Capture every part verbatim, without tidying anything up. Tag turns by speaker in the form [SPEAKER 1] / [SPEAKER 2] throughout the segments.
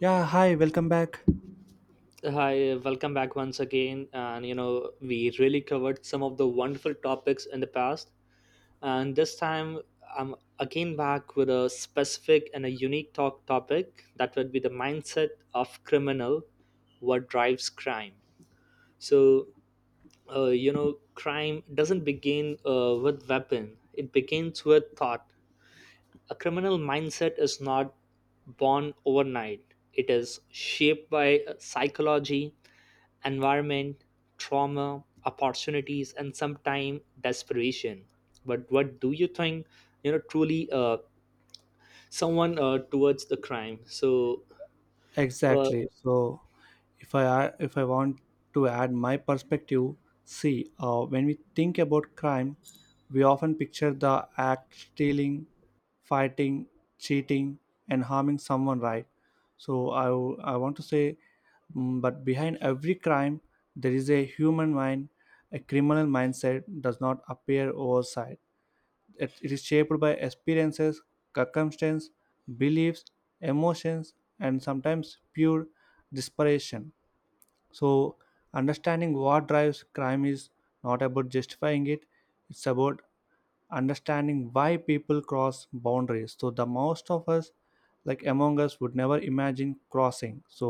[SPEAKER 1] Yeah, hi, welcome back.
[SPEAKER 2] Hi, welcome back once again. And you know, we really covered some of the wonderful topics in the past, and this time I'm again back with a specific and a unique talk topic that would be the mindset of criminal, what drives crime. So, uh, you know, crime doesn't begin uh, with weapon; it begins with thought. A criminal mindset is not born overnight. It is shaped by uh, psychology environment, trauma, opportunities, and sometimes desperation. But what do you think, you know, truly uh, someone uh, towards the crime? So, uh,
[SPEAKER 1] Exactly. So, if I ar- if I want to add my perspective, see, uh, when we think about crime, we often picture the act stealing, fighting, cheating, and harming someone, right? So, I w- I want to say, mm, but behind every crime, there is a human mind. A criminal mindset does not appear oversight. it it is shaped by experiences, circumstances, beliefs, emotions, and sometimes pure desperation. So, understanding what drives crime is not about justifying it, it's about understanding why people cross boundaries, so the most of us, like among us, would never imagine crossing. So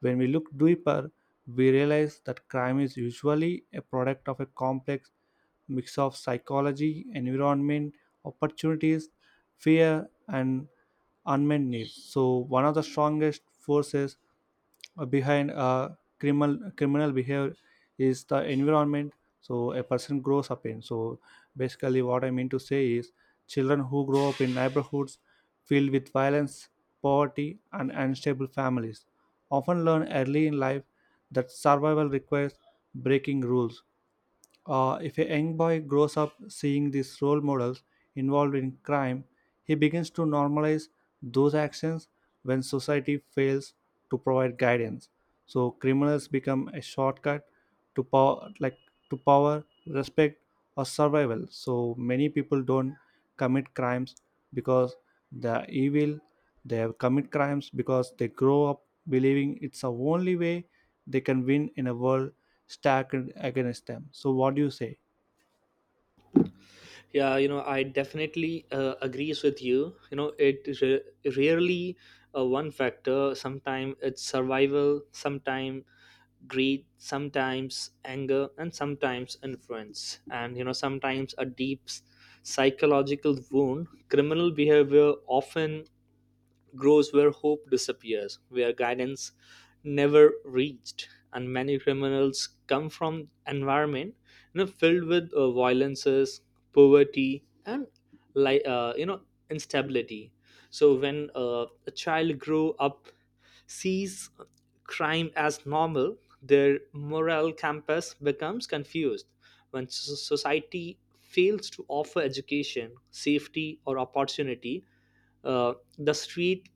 [SPEAKER 1] when we look deeper we realize that crime is usually a product of a complex mix of psychology, environment, opportunities, fear and unmet needs. So one of the strongest forces behind uh, criminal criminal behavior is the environment, so a person grows up in. So basically what I mean to say is, children who grow up in neighborhoods filled with violence, poverty and unstable families often learn early in life that survival requires breaking rules. Uh, if a young boy grows up seeing these role models involved in crime, he begins to normalize those actions when society fails to provide guidance. So criminals become a shortcut to power, like to power, respect, or survival. So many people don't commit crimes because they are evil. They have commit crimes because they grow up believing it's the only way they can win in a world stacked against them. So what do you say?
[SPEAKER 2] yeah, you know, I definitely uh, agrees with you. You know, it re- rarely uh, one factor. Sometimes it's survival, sometimes greed, sometimes anger, and sometimes influence. And, you know, sometimes a deep psychological wound criminal behavior often grows where hope disappears, where guidance never reached. And many criminals come from environment you know, filled with uh, violences, poverty, and like uh, you know instability. So when uh, a child grow up, sees crime as normal, their moral compass becomes confused. When so- society fails to offer education, safety, or opportunity, uh, the street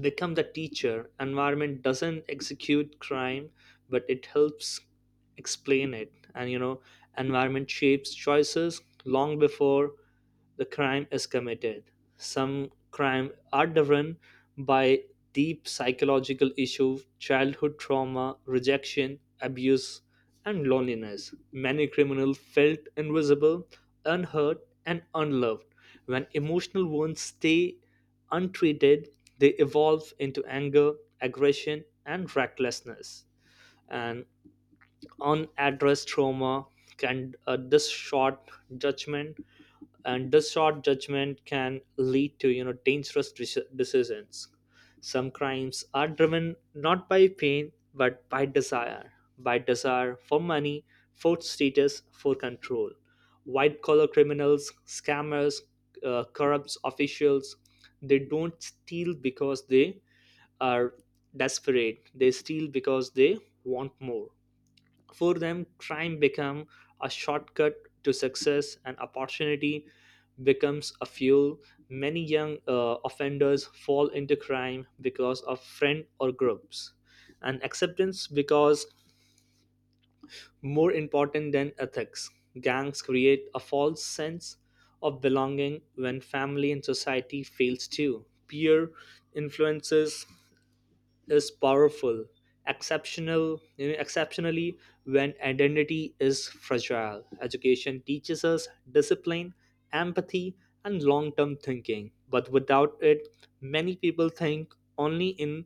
[SPEAKER 2] become the teacher environment doesn't execute crime but it helps explain it, and you know environment shapes choices long before the crime is committed. Some crime are driven by deep psychological issues childhood trauma rejection abuse and loneliness. Many criminals felt invisible, unheard, and unloved. When emotional wounds stay untreated, they evolve into anger, aggression, and recklessness. And unaddressed trauma can uh, distort judgment, and this short judgment can lead to you know dangerous deci- decisions. Some crimes are driven not by pain but by desire, by desire for money, for status, for control. White collar criminals, scammers, uh, corrupt officials, they don't steal because they are desperate, they steal because they want more. For them, crime become a shortcut to success, and opportunity becomes a fuel. Many young uh, offenders fall into crime because of friend or groups, and acceptance because more important than ethics. Gangs create a false sense of belonging when family and society fails to. Peer influences is powerful, exceptional, you know, exceptionally when identity is fragile. Education teaches us discipline, empathy, and long-term thinking. But without it, many people think only in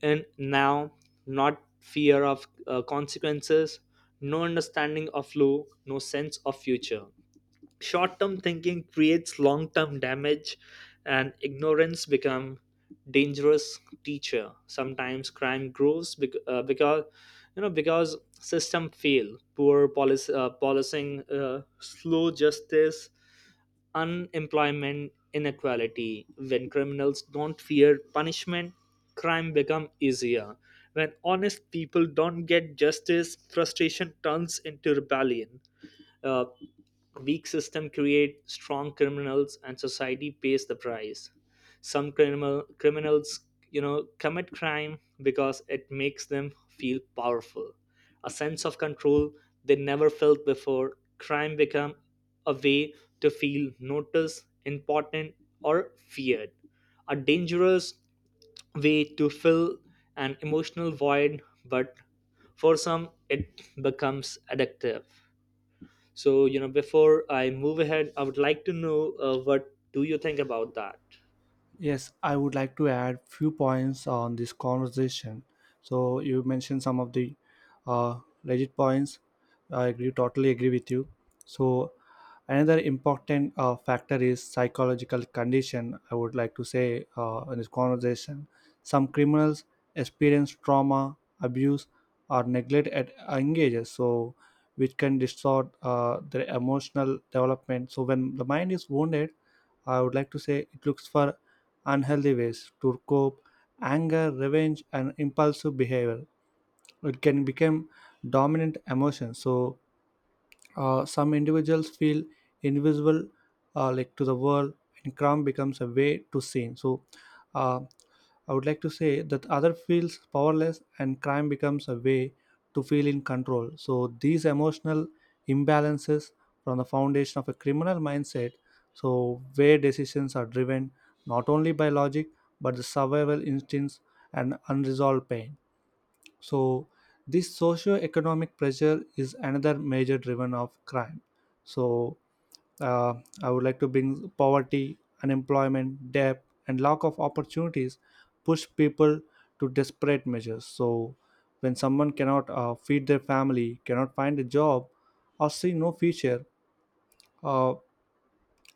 [SPEAKER 2] in now, not fear of uh, consequences, no understanding of law, no sense of future. Short term thinking creates long term damage, and ignorance become dangerous teacher. Sometimes crime grows bec- uh, because you know because system fail, poor policy, uh, policing, uh, slow justice, unemployment, inequality. When criminals don't fear punishment, crime become easier. When honest people don't get justice, frustration turns into rebellion. Uh, Weak system create strong criminals, and society pays the price. Some criminal criminals, you know, commit crime because it makes them feel powerful, a sense of control they never felt before. Crime become a way to feel noticed, important, or feared. A dangerous way to fill an emotional void, but for some it becomes addictive. So, you know, before I move ahead, I would like to know uh, what do you think about that?
[SPEAKER 1] Yes, I would like to add few points on this conversation. So you mentioned some of the uh, legit points. I agree, totally agree with you. So another important uh, factor is psychological condition. I would like to say uh, in this conversation, some criminals experience trauma, abuse, or neglect at young ages. So which can distort uh, their emotional development. So when the mind is wounded, I would like to say it looks for unhealthy ways to cope, anger, revenge, and impulsive behavior. It can become dominant emotion. So uh, some individuals feel invisible, uh, like to the world, and crime becomes a way to seen. So. Uh, I would like to say that other feels powerless and crime becomes a way to feel in control. So these emotional imbalances from the foundation of a criminal mindset, so where decisions are driven not only by logic but the survival instincts and unresolved pain. So this socio-economic pressure is another major driven of crime. So uh, I would like to bring poverty, unemployment, debt, and lack of opportunities push people to desperate measures. So, when someone cannot uh, feed their family, cannot find a job, or see no future, uh,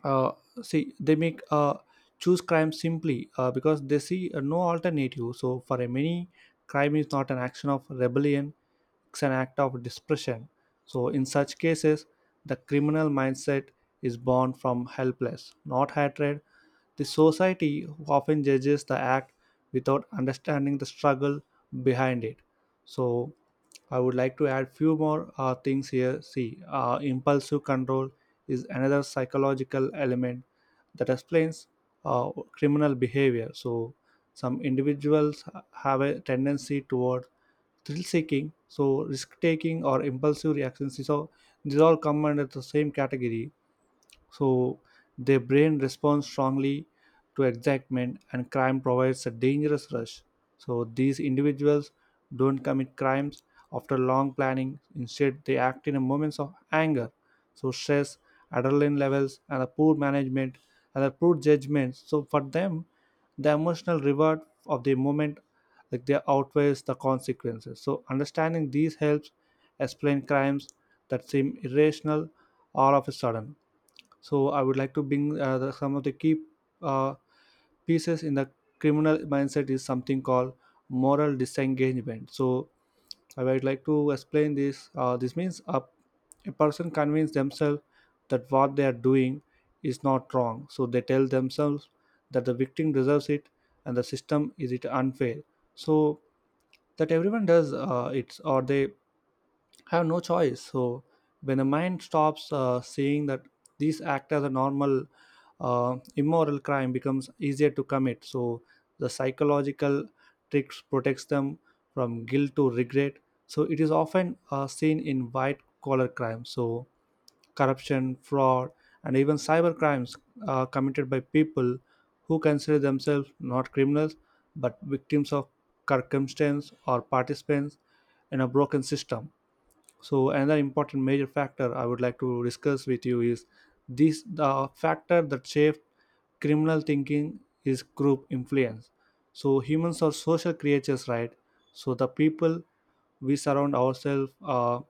[SPEAKER 1] uh, see they make uh, choose crime simply uh, because they see uh, no alternative. So for a many, crime is not an action of rebellion, it's an act of dispression. So in such cases the criminal mindset is born from helpless not hatred. The society often judges the act without understanding the struggle behind it. So I would like to add few more uh, things here. See, uh, impulsive control is another psychological element that explains uh, criminal behavior. So, some individuals have a tendency toward thrill seeking, so risk taking or impulsive reactions. So, these all come under the same category. So their brain responds strongly to excitement and crime provides a dangerous rush. So these individuals don't commit crimes after long planning, instead they act in moments of anger, so stress, adrenaline levels and a poor management and a poor judgment. So for them the emotional reward of the moment, like, they outweighs the consequences. So understanding these helps explain crimes that seem irrational all of a sudden. So I would like to bring uh, the, some of the key uh, pieces in the criminal mindset is something called moral disengagement. So I would like to explain this. Uh, this means a, a person convinces themselves that what they are doing is not wrong. So they tell themselves that the victim deserves it and the system is it unfair. So that everyone does uh, it, or they have no choice. So when the mind stops uh, seeing that these act as a normal uh, immoral, crime becomes easier to commit. So the psychological tricks protects them from guilt to regret. So it is often uh, seen in white collar crimes. So corruption, fraud, and even cyber crimes uh, committed by people who consider themselves not criminals but victims of circumstance or participants in a broken system. So another important major factor I would like to discuss with you is this, the factor that shapes criminal thinking is group influence. So humans are social creatures, right? So the people we surround ourselves uh,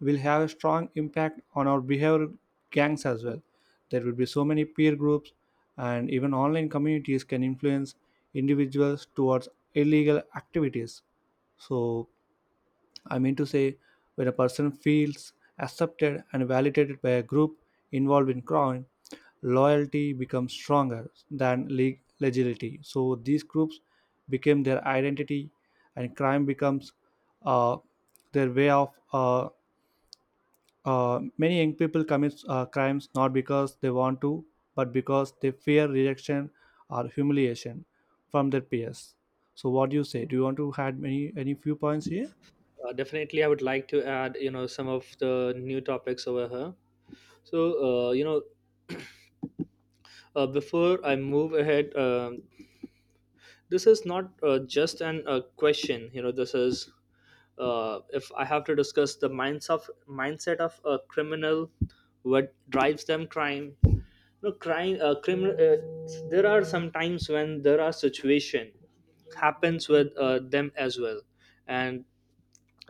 [SPEAKER 1] will have a strong impact on our behavior, gangs as well. There will be so many peer groups and even online communities can influence individuals towards illegal activities. So I mean to say, when a person feels accepted and validated by a group involved in crime, loyalty becomes stronger than leg- legality. So these groups became their identity, and crime becomes uh, their way of. Uh, uh, many young people commit uh, crimes not because they want to, but because they fear rejection or humiliation from their peers. So, what do you say? Do you want to add any any few points here?
[SPEAKER 2] Uh, definitely, I would like to add, you know, some of the new topics over here. So, uh, you know, uh, before I move ahead, um, this is not uh, just an uh, question. You know, this is uh, if I have to discuss the minds of mindset of a criminal, what drives them crime. No crime, uh, criminal. Uh, there are some times when there are situation happens with uh, them as well, and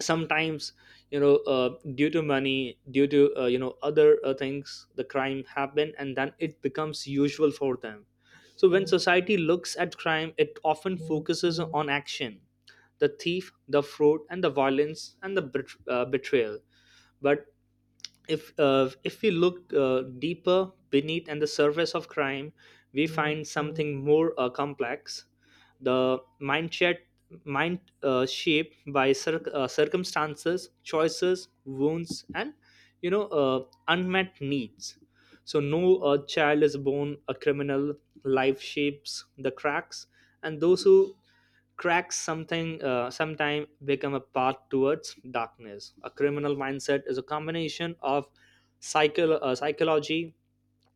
[SPEAKER 2] sometimes you know uh, due to money due to uh, you know other uh, things the crime happen and then it becomes usual for them. So when society looks at crime it often focuses on action, the thief, the fraud, and the violence, and the bet- uh, betrayal. But if uh, if we look uh, deeper beneath and the surface of crime we find something more uh, complex, the mind shed mind uh, shaped by cir- uh, circumstances choices wounds and you know uh, unmet needs. So no uh, child is born a criminal. Life shapes the cracks, and those who cracks something uh, sometime become a path towards darkness. A criminal mindset is a combination of psycho- uh, psychology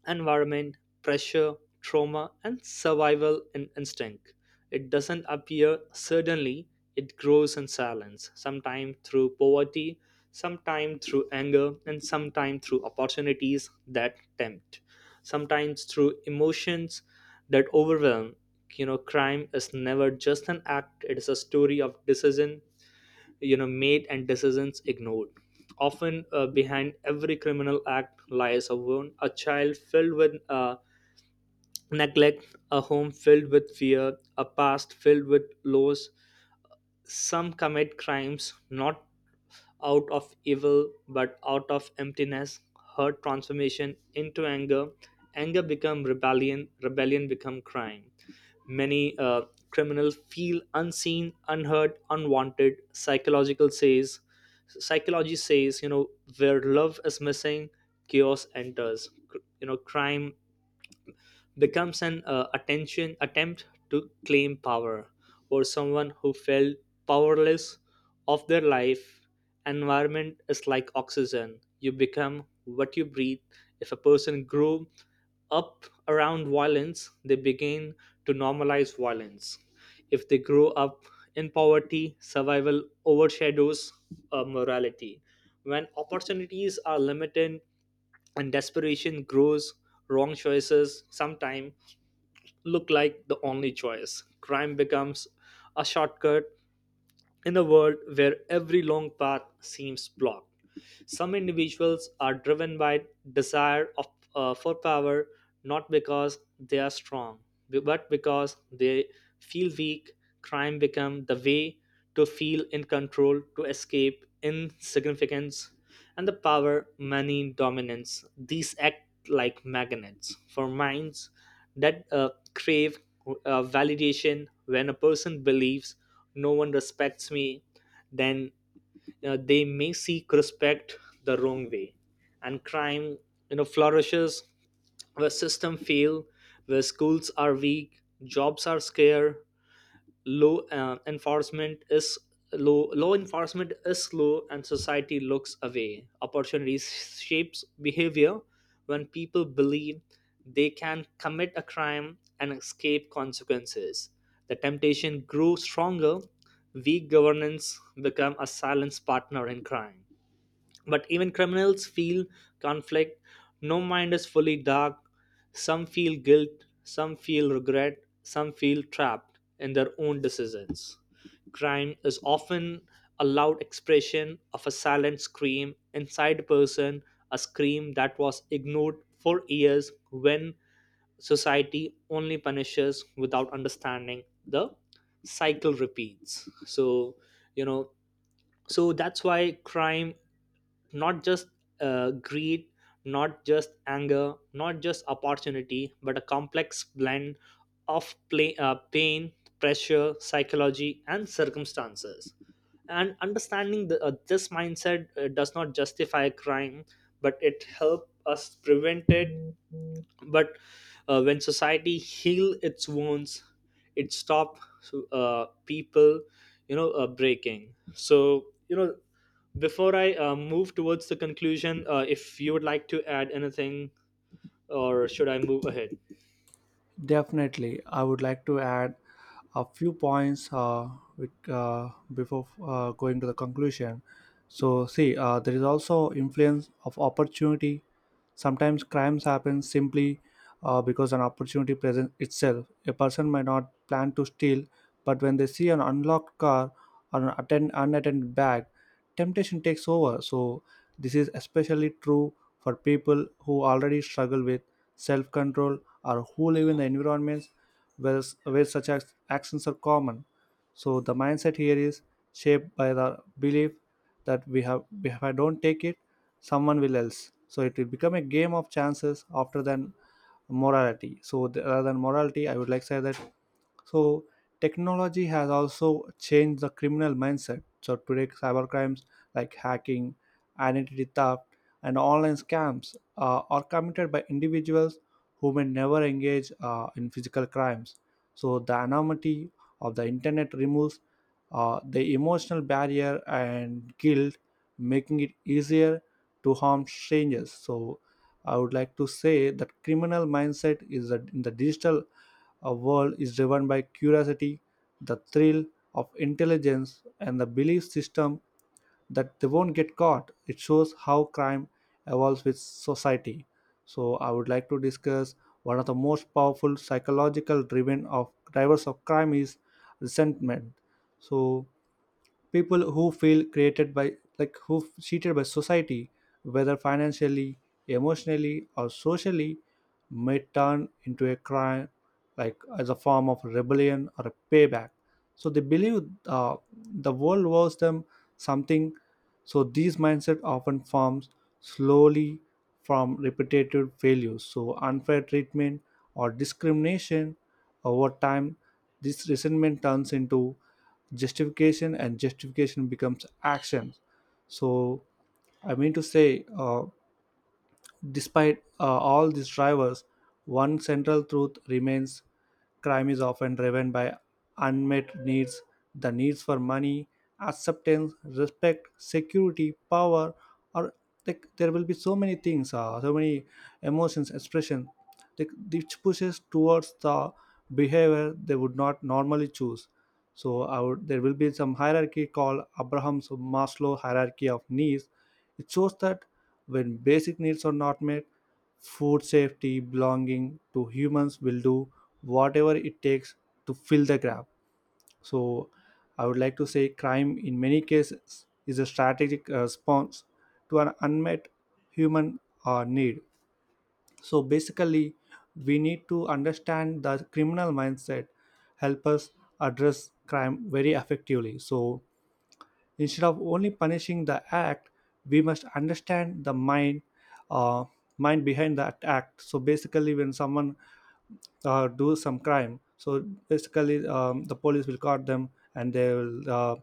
[SPEAKER 2] environment, pressure, trauma, and survival in- instinct. It doesn't appear suddenly, it grows in silence, sometimes through poverty, sometimes through anger, and sometimes through opportunities that tempt, sometimes through emotions that overwhelm. You know, crime is never just an act, it is a story of decision, you know made and decisions ignored. Often uh, behind every criminal act lies a wound, a child filled with uh, neglect, a home filled with fear, a past filled with loss. Some commit crimes not out of evil but out of emptiness. Hurt transformation into anger, anger become rebellion, rebellion become crime. Many uh, criminals feel unseen, unheard, unwanted. Psychological says, psychology says, you know, where love is missing, chaos enters. Cr- You know, crime becomes an uh, attention attempt to claim power or someone who felt powerless of their life. Environment is like oxygen, you become what you breathe. If a person grew up around violence they begin to normalize violence. If they grow up in poverty survival overshadows uh, morality. When opportunities are limited and desperation grows, wrong choices sometime look like the only choice. Crime becomes a shortcut in a world where every long path seems blocked. Some individuals are driven by desire of, uh, for power, not because they are strong, but because they feel weak. Crime become the way to feel in control, to escape insignificance, and the power, money, dominance. These act like magnets for minds that uh, crave uh, validation. When a person believes no one respects me, then uh, they may seek respect the wrong way, and crime you know flourishes where system fail, where schools are weak, jobs are scarce, law uh, enforcement is low. Law enforcement is slow and society looks away. Opportunity shapes behavior. When people believe they can commit a crime and escape consequences, the temptation grows stronger. Weak governance become a silent partner in crime. But even criminals feel conflict. No mind is fully dark. Some feel guilt, some feel regret, some feel trapped in their own decisions. Crime is often a loud expression of a silent scream inside a person, a scream that was ignored for years when society only punishes without understanding. The cycle repeats. So, you know, so that's why crime not just uh, greed, not just anger, not just opportunity, but a complex blend of play, uh, pain, pressure, psychology, and circumstances. And understanding the, uh, this mindset uh, does not justify a crime, but it helps us prevent it. But uh, when society heal its wounds it stop uh, people you know uh, breaking. So you know, before I uh, move towards the conclusion, uh, if you would like to add anything, or should I move ahead?
[SPEAKER 1] Definitely, I would like to add a few points uh, with, uh, before uh, going to the conclusion. So, see, uh, there is also influence of opportunity. Sometimes crimes happen simply uh, because an opportunity presents itself. A person might not plan to steal, but when they see an unlocked car or an attend- unattended bag, temptation takes over. So, this is especially true for people who already struggle with self control or who live in the environments where, where such ac- actions are common. So the mindset here is shaped by the belief that we have, if I don't take it, someone will else. So it will become a game of chances after than morality. So th- rather than morality, I would like to say that. So technology has also changed the criminal mindset. So today, cybercrimes like hacking, identity theft, and online scams uh, are committed by individuals who may never engage uh, in physical crimes. So the anonymity of the internet removes uh, the emotional barrier and guilt, making it easier to harm strangers. So I would like to say that criminal mindset is that in the digital our world is driven by curiosity, the thrill of intelligence, and the belief system that they won't get caught. It shows how crime evolves with society. So, I would like to discuss one of the most powerful psychological driven of drivers of crime is resentment. So, people who feel created by, like who f- cheated by society, whether financially, emotionally or socially, may turn into a crime, like as a form of rebellion or a payback. So they believe uh, the world owes them something. So these mindset often forms slowly from repetitive failures, so unfair treatment or discrimination. Over time this resentment turns into justification and justification becomes action. So I mean to say uh, despite uh, all these drivers, one central truth remains: crime is often driven by unmet needs, the needs for money, acceptance, respect, security, power, or, like, there will be so many things, uh, so many emotions expression, like, which pushes towards the behavior they would not normally choose. So I would, there will be some hierarchy called Abraham's Maslow hierarchy of needs. It shows that when basic needs are not met, food, safety, belonging, to humans will do whatever it takes to fill the gap. So, I would like to say crime in many cases is a strategic uh, response to an unmet human uh, need. So, basically, we need to understand the criminal mindset, help us address crime very effectively. So, instead of only punishing the act, we must understand the mind, uh, mind behind that act. So basically, when someone uh, do some crime. So basically, um, the police will caught them and they will uh,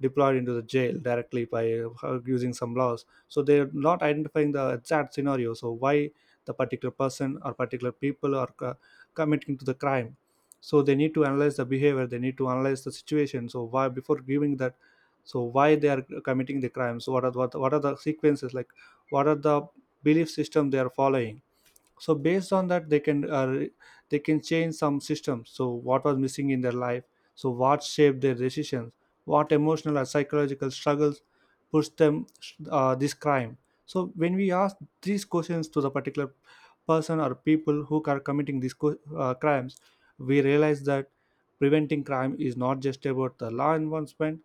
[SPEAKER 1] deploy into the jail directly by uh, using some laws. So they're not identifying the exact scenario. So why the particular person or particular people are co- committing to the crime. So they need to analyze the behavior. They need to analyze the situation. So why, before giving that. So why they are committing the crimes? What are, what, what are the sequences like? What are the belief system they are following? So based on that they can uh, they can change some systems. So what was missing in their life, so what shaped their decisions, what emotional or psychological struggles pushed them uh, this crime. So when we ask these questions to the particular person or people who are committing these co- uh, crimes, we realize that preventing crime is not just about the law enforcement,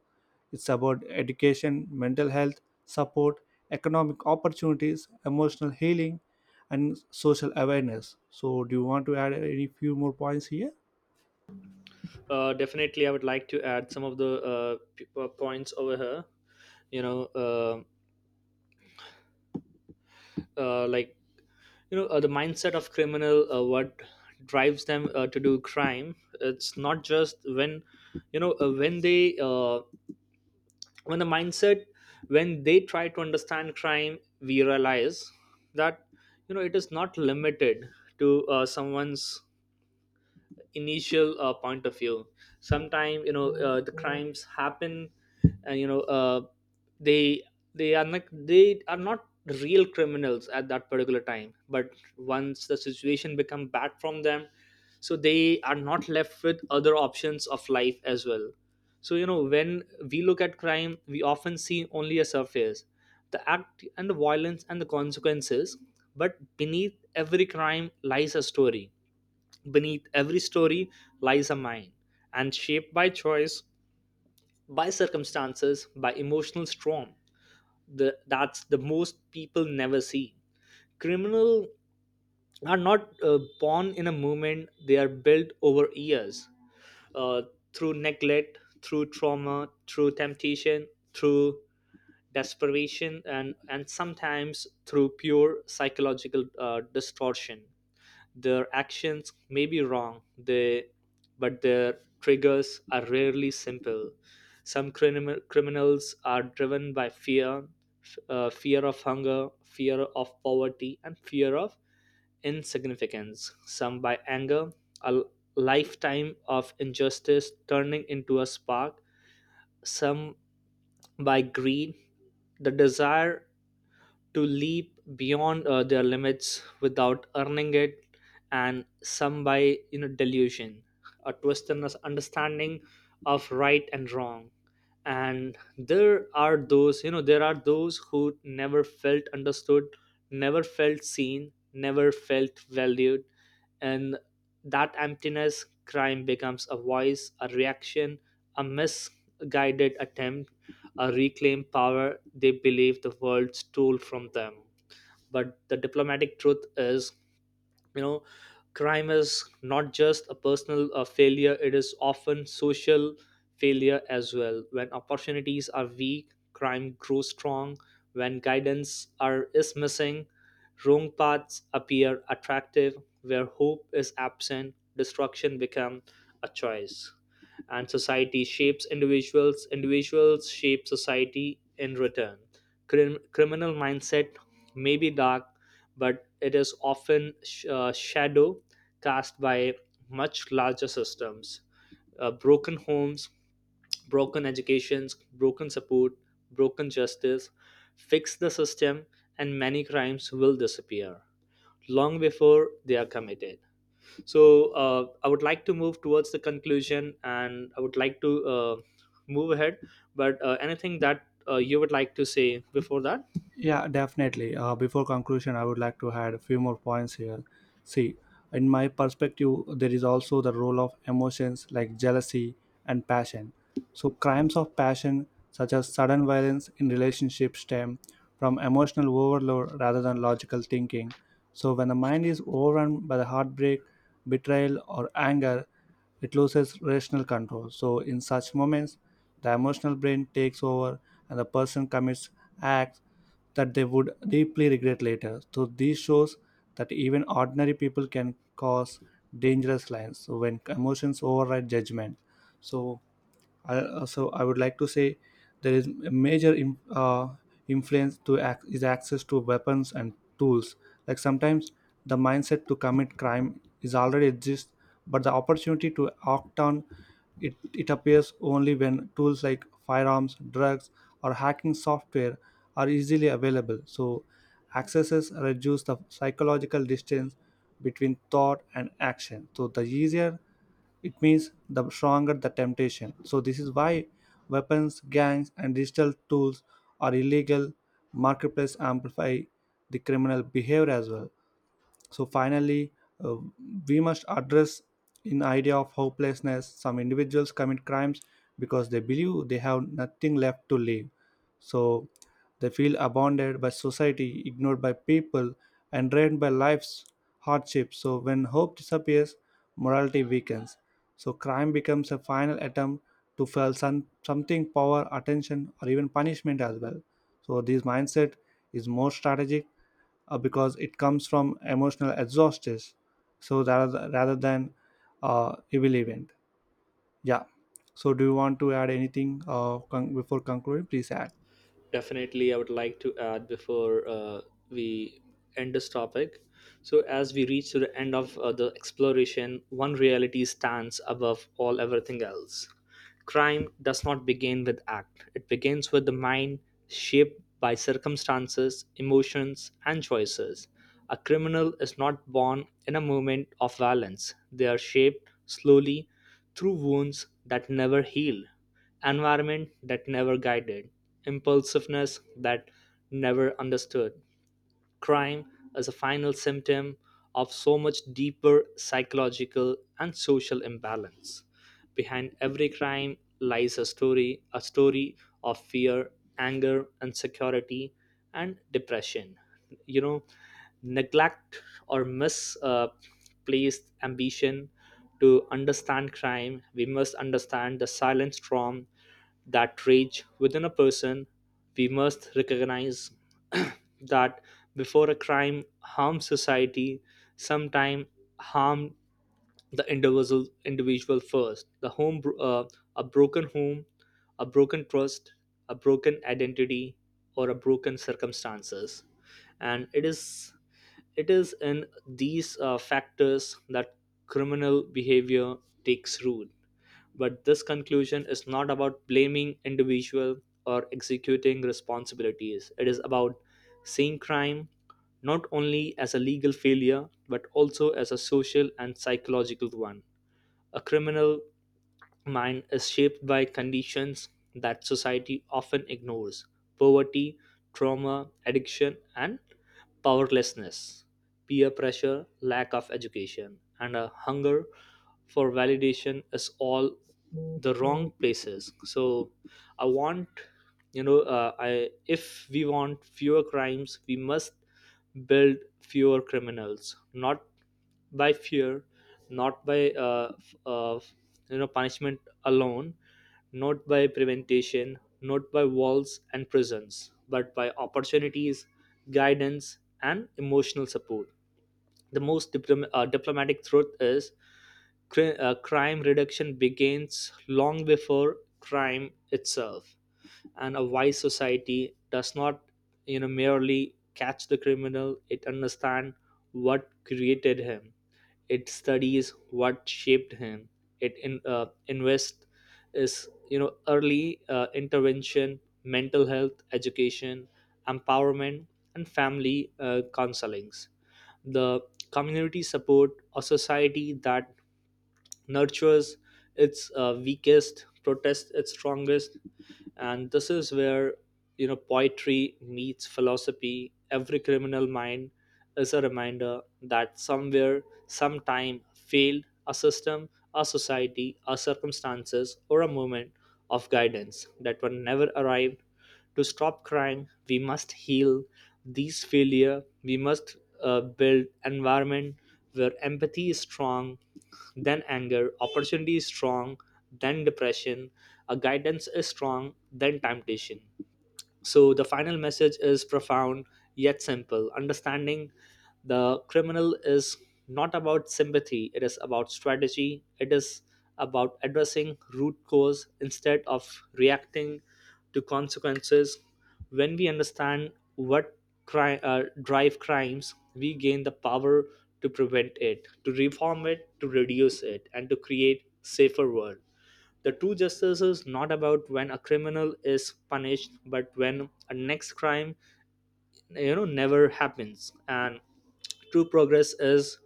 [SPEAKER 1] it's about education, mental health, support, economic opportunities, emotional healing, and social awareness. So, do you want to add any few more points here?
[SPEAKER 2] Uh, definitely, I would like to add some of the uh, p- uh, points over here. You know, uh, uh, like you know, uh, the mindset of criminal, uh, what drives them uh, to do crime. It's not just when you know uh, when they uh, when the mindset when they try to understand crime, we realize that you know it is not limited to uh, someone's initial uh, point of view. Sometimes you know uh, the crimes happen and you know uh, they they are not they are not real criminals at that particular time, but once the situation become bad from them, so they are not left with other options of life as well. So you know, when we look at crime we often see only a surface, the act and the violence and the consequences, but beneath every crime lies a story. Beneath every story lies a mind, and shaped by choice, by circumstances, by emotional storm. The, that's the most people never see. Criminals are not uh, born in a moment, they are built over years uh, through neglect, through trauma, through temptation, through desperation, and, and sometimes through pure psychological uh, distortion. Their actions may be wrong, they, but their triggers are rarely simple. Some criminal, criminals are driven by fear, f- uh, fear of hunger, fear of poverty, and fear of insignificance. Some by anger, a lifetime of injustice turning into a spark. Some by greed, the desire to leap beyond uh, their limits without earning it, and some by you know delusion, a twist in us understanding of right and wrong. And there are those you know there are those who never felt understood, never felt seen, never felt valued, and that emptiness, crime becomes a voice, a reaction, a misguided attempt, a reclaim power they believe the world stole from them. But the diplomatic truth is, you know crime is not just a personal uh, failure, it is often social failure as well. When opportunities are weak, crime grows strong. When guidance are is missing, wrong paths appear attractive. Where hope is absent, destruction become a choice. And society shapes individuals, individuals shape society in return. Crim- criminal mindset may be dark, but it is often sh- uh, shadow cast by much larger systems: uh, broken homes, broken educations, broken support, broken justice. Fix the system, and many crimes will disappear long before they are committed. So uh, I would like to move towards the conclusion, and I would like to uh, move ahead. But uh, anything that uh, you would like to say before that?
[SPEAKER 1] Yeah, definitely. Uh, before conclusion, I would like to add a few more points here. See, in my perspective, there is also the role of emotions like jealousy and passion. So, crimes of passion, such as sudden violence in relationships, stem from emotional overload rather than logical thinking. So, when the mind is overrun by the heartbreak, betrayal, or anger, it loses rational control. So, in such moments, the emotional brain takes over and the person commits acts that they would deeply regret later. So this shows that even ordinary people can cause dangerous lines. So when emotions override judgment, so I, uh, so I would like to say there is a major im- uh, influence to ac- is access to weapons and tools. Like sometimes the mindset to commit crime is already exists, but the opportunity to act on it, it appears only when tools like firearms, drugs, or hacking software are easily available. So, accesses reduce the psychological distance between thought and action. So, the easier it means, the stronger the temptation. So, this is why weapons, gangs, and digital tools are illegal. Marketplace amplify the criminal behavior as well. So finally uh, we must address in idea of hopelessness. Some individuals commit crimes because they believe they have nothing left to live. So they feel abandoned by society, ignored by people, and drained by life's hardships. So when hope disappears morality weakens. So crime becomes a final attempt to feel some, something, power, attention or even punishment as well. So this mindset is more strategic uh, because it comes from emotional exhaustion. So rather rather than uh, evil event, yeah. So do you want to add anything uh, con- before concluding? Please add.
[SPEAKER 2] Definitely, I would like to add before uh, we end this topic. So as we reach to the end of uh, the exploration, one reality stands above all everything else. Crime does not begin with act, it begins with the mind, shaped by circumstances, emotions, and choices. A criminal is not born in a moment of violence, they are shaped slowly through wounds that never heal, environment that never guided, impulsiveness that never understood. Crime as a final symptom of so much deeper psychological and social imbalance. Behind every crime lies a story, a story of fear, anger, insecurity, and depression. You know, neglect or misplaced uh, placed ambition. To understand crime, we must understand the silent storm that rage within a person. We must recognize that before a crime harms society, sometime harm the individual individual first. The home bro- uh, a broken home, a broken trust, a broken identity, or a broken circumstances. And it is it is in these uh, factors that criminal behavior takes root. But this conclusion is not about blaming individual or executing responsibilities, it is about seeing crime not only as a legal failure, but also as a social and psychological one. A criminal mind is shaped by conditions that society often ignores: poverty, trauma, addiction, and powerlessness, peer pressure, lack of education, and a hunger for validation is all the wrong places. So I want, you know, uh, I if we want fewer crimes, we must build fewer criminals, not by fear, not by uh, f- uh, you know punishment alone, not by preventation, not by walls and prisons, but by opportunities, guidance, and emotional support. The most diplom- uh, diplomatic truth is, cri- uh, crime reduction begins long before crime itself, and a wise society does not, you know, merely catch the criminal; it understands what created him, it studies what shaped him, it in, uh, invests is you know early uh, intervention, mental health education, empowerment, and family uh, counselings, the community support. A society that nurtures its uh, weakest, protests its strongest, and this is where you know poetry meets philosophy. Every criminal mind is a reminder that somewhere, sometime failed a system, a society, a circumstances, or a moment of guidance that were never arrived. To stop crime, we must heal these failure. We must uh, build environment where empathy is strong then anger, opportunity is strong then depression, a guidance is strong then temptation. So the final message is profound yet simple. Understanding the criminal is not about sympathy, it is about strategy, it is about addressing root cause instead of reacting to consequences. When we understand what cri- uh, drive crimes, we gain the power to prevent it, to reform it, to reduce it, and to create safer world. The true justice is not about when a criminal is punished, but when a next crime, you know, never happens. And true progress is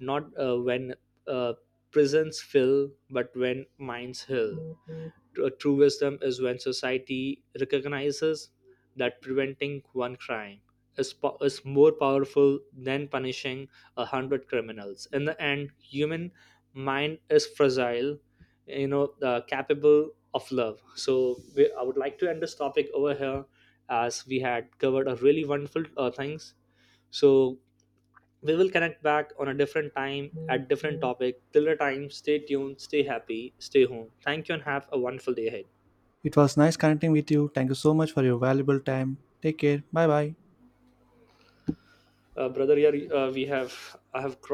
[SPEAKER 2] not uh, when uh, prisons fill, but when minds heal. Tr- uh, True wisdom is when society recognizes that preventing one crime is, po- is more powerful than punishing a hundred criminals. In the end, human mind is fragile, you know, uh, capable of love. So we, I would like to end this topic over here, as we had covered a really wonderful uh, things. So we will connect back on a different time at different topic. Till the time, stay tuned, stay happy, stay home. Thank you and have a wonderful day ahead.
[SPEAKER 1] It was nice connecting with you. Thank you so much for your valuable time. Take care. Bye bye.
[SPEAKER 2] Uh, brother, yeah, uh, we have I have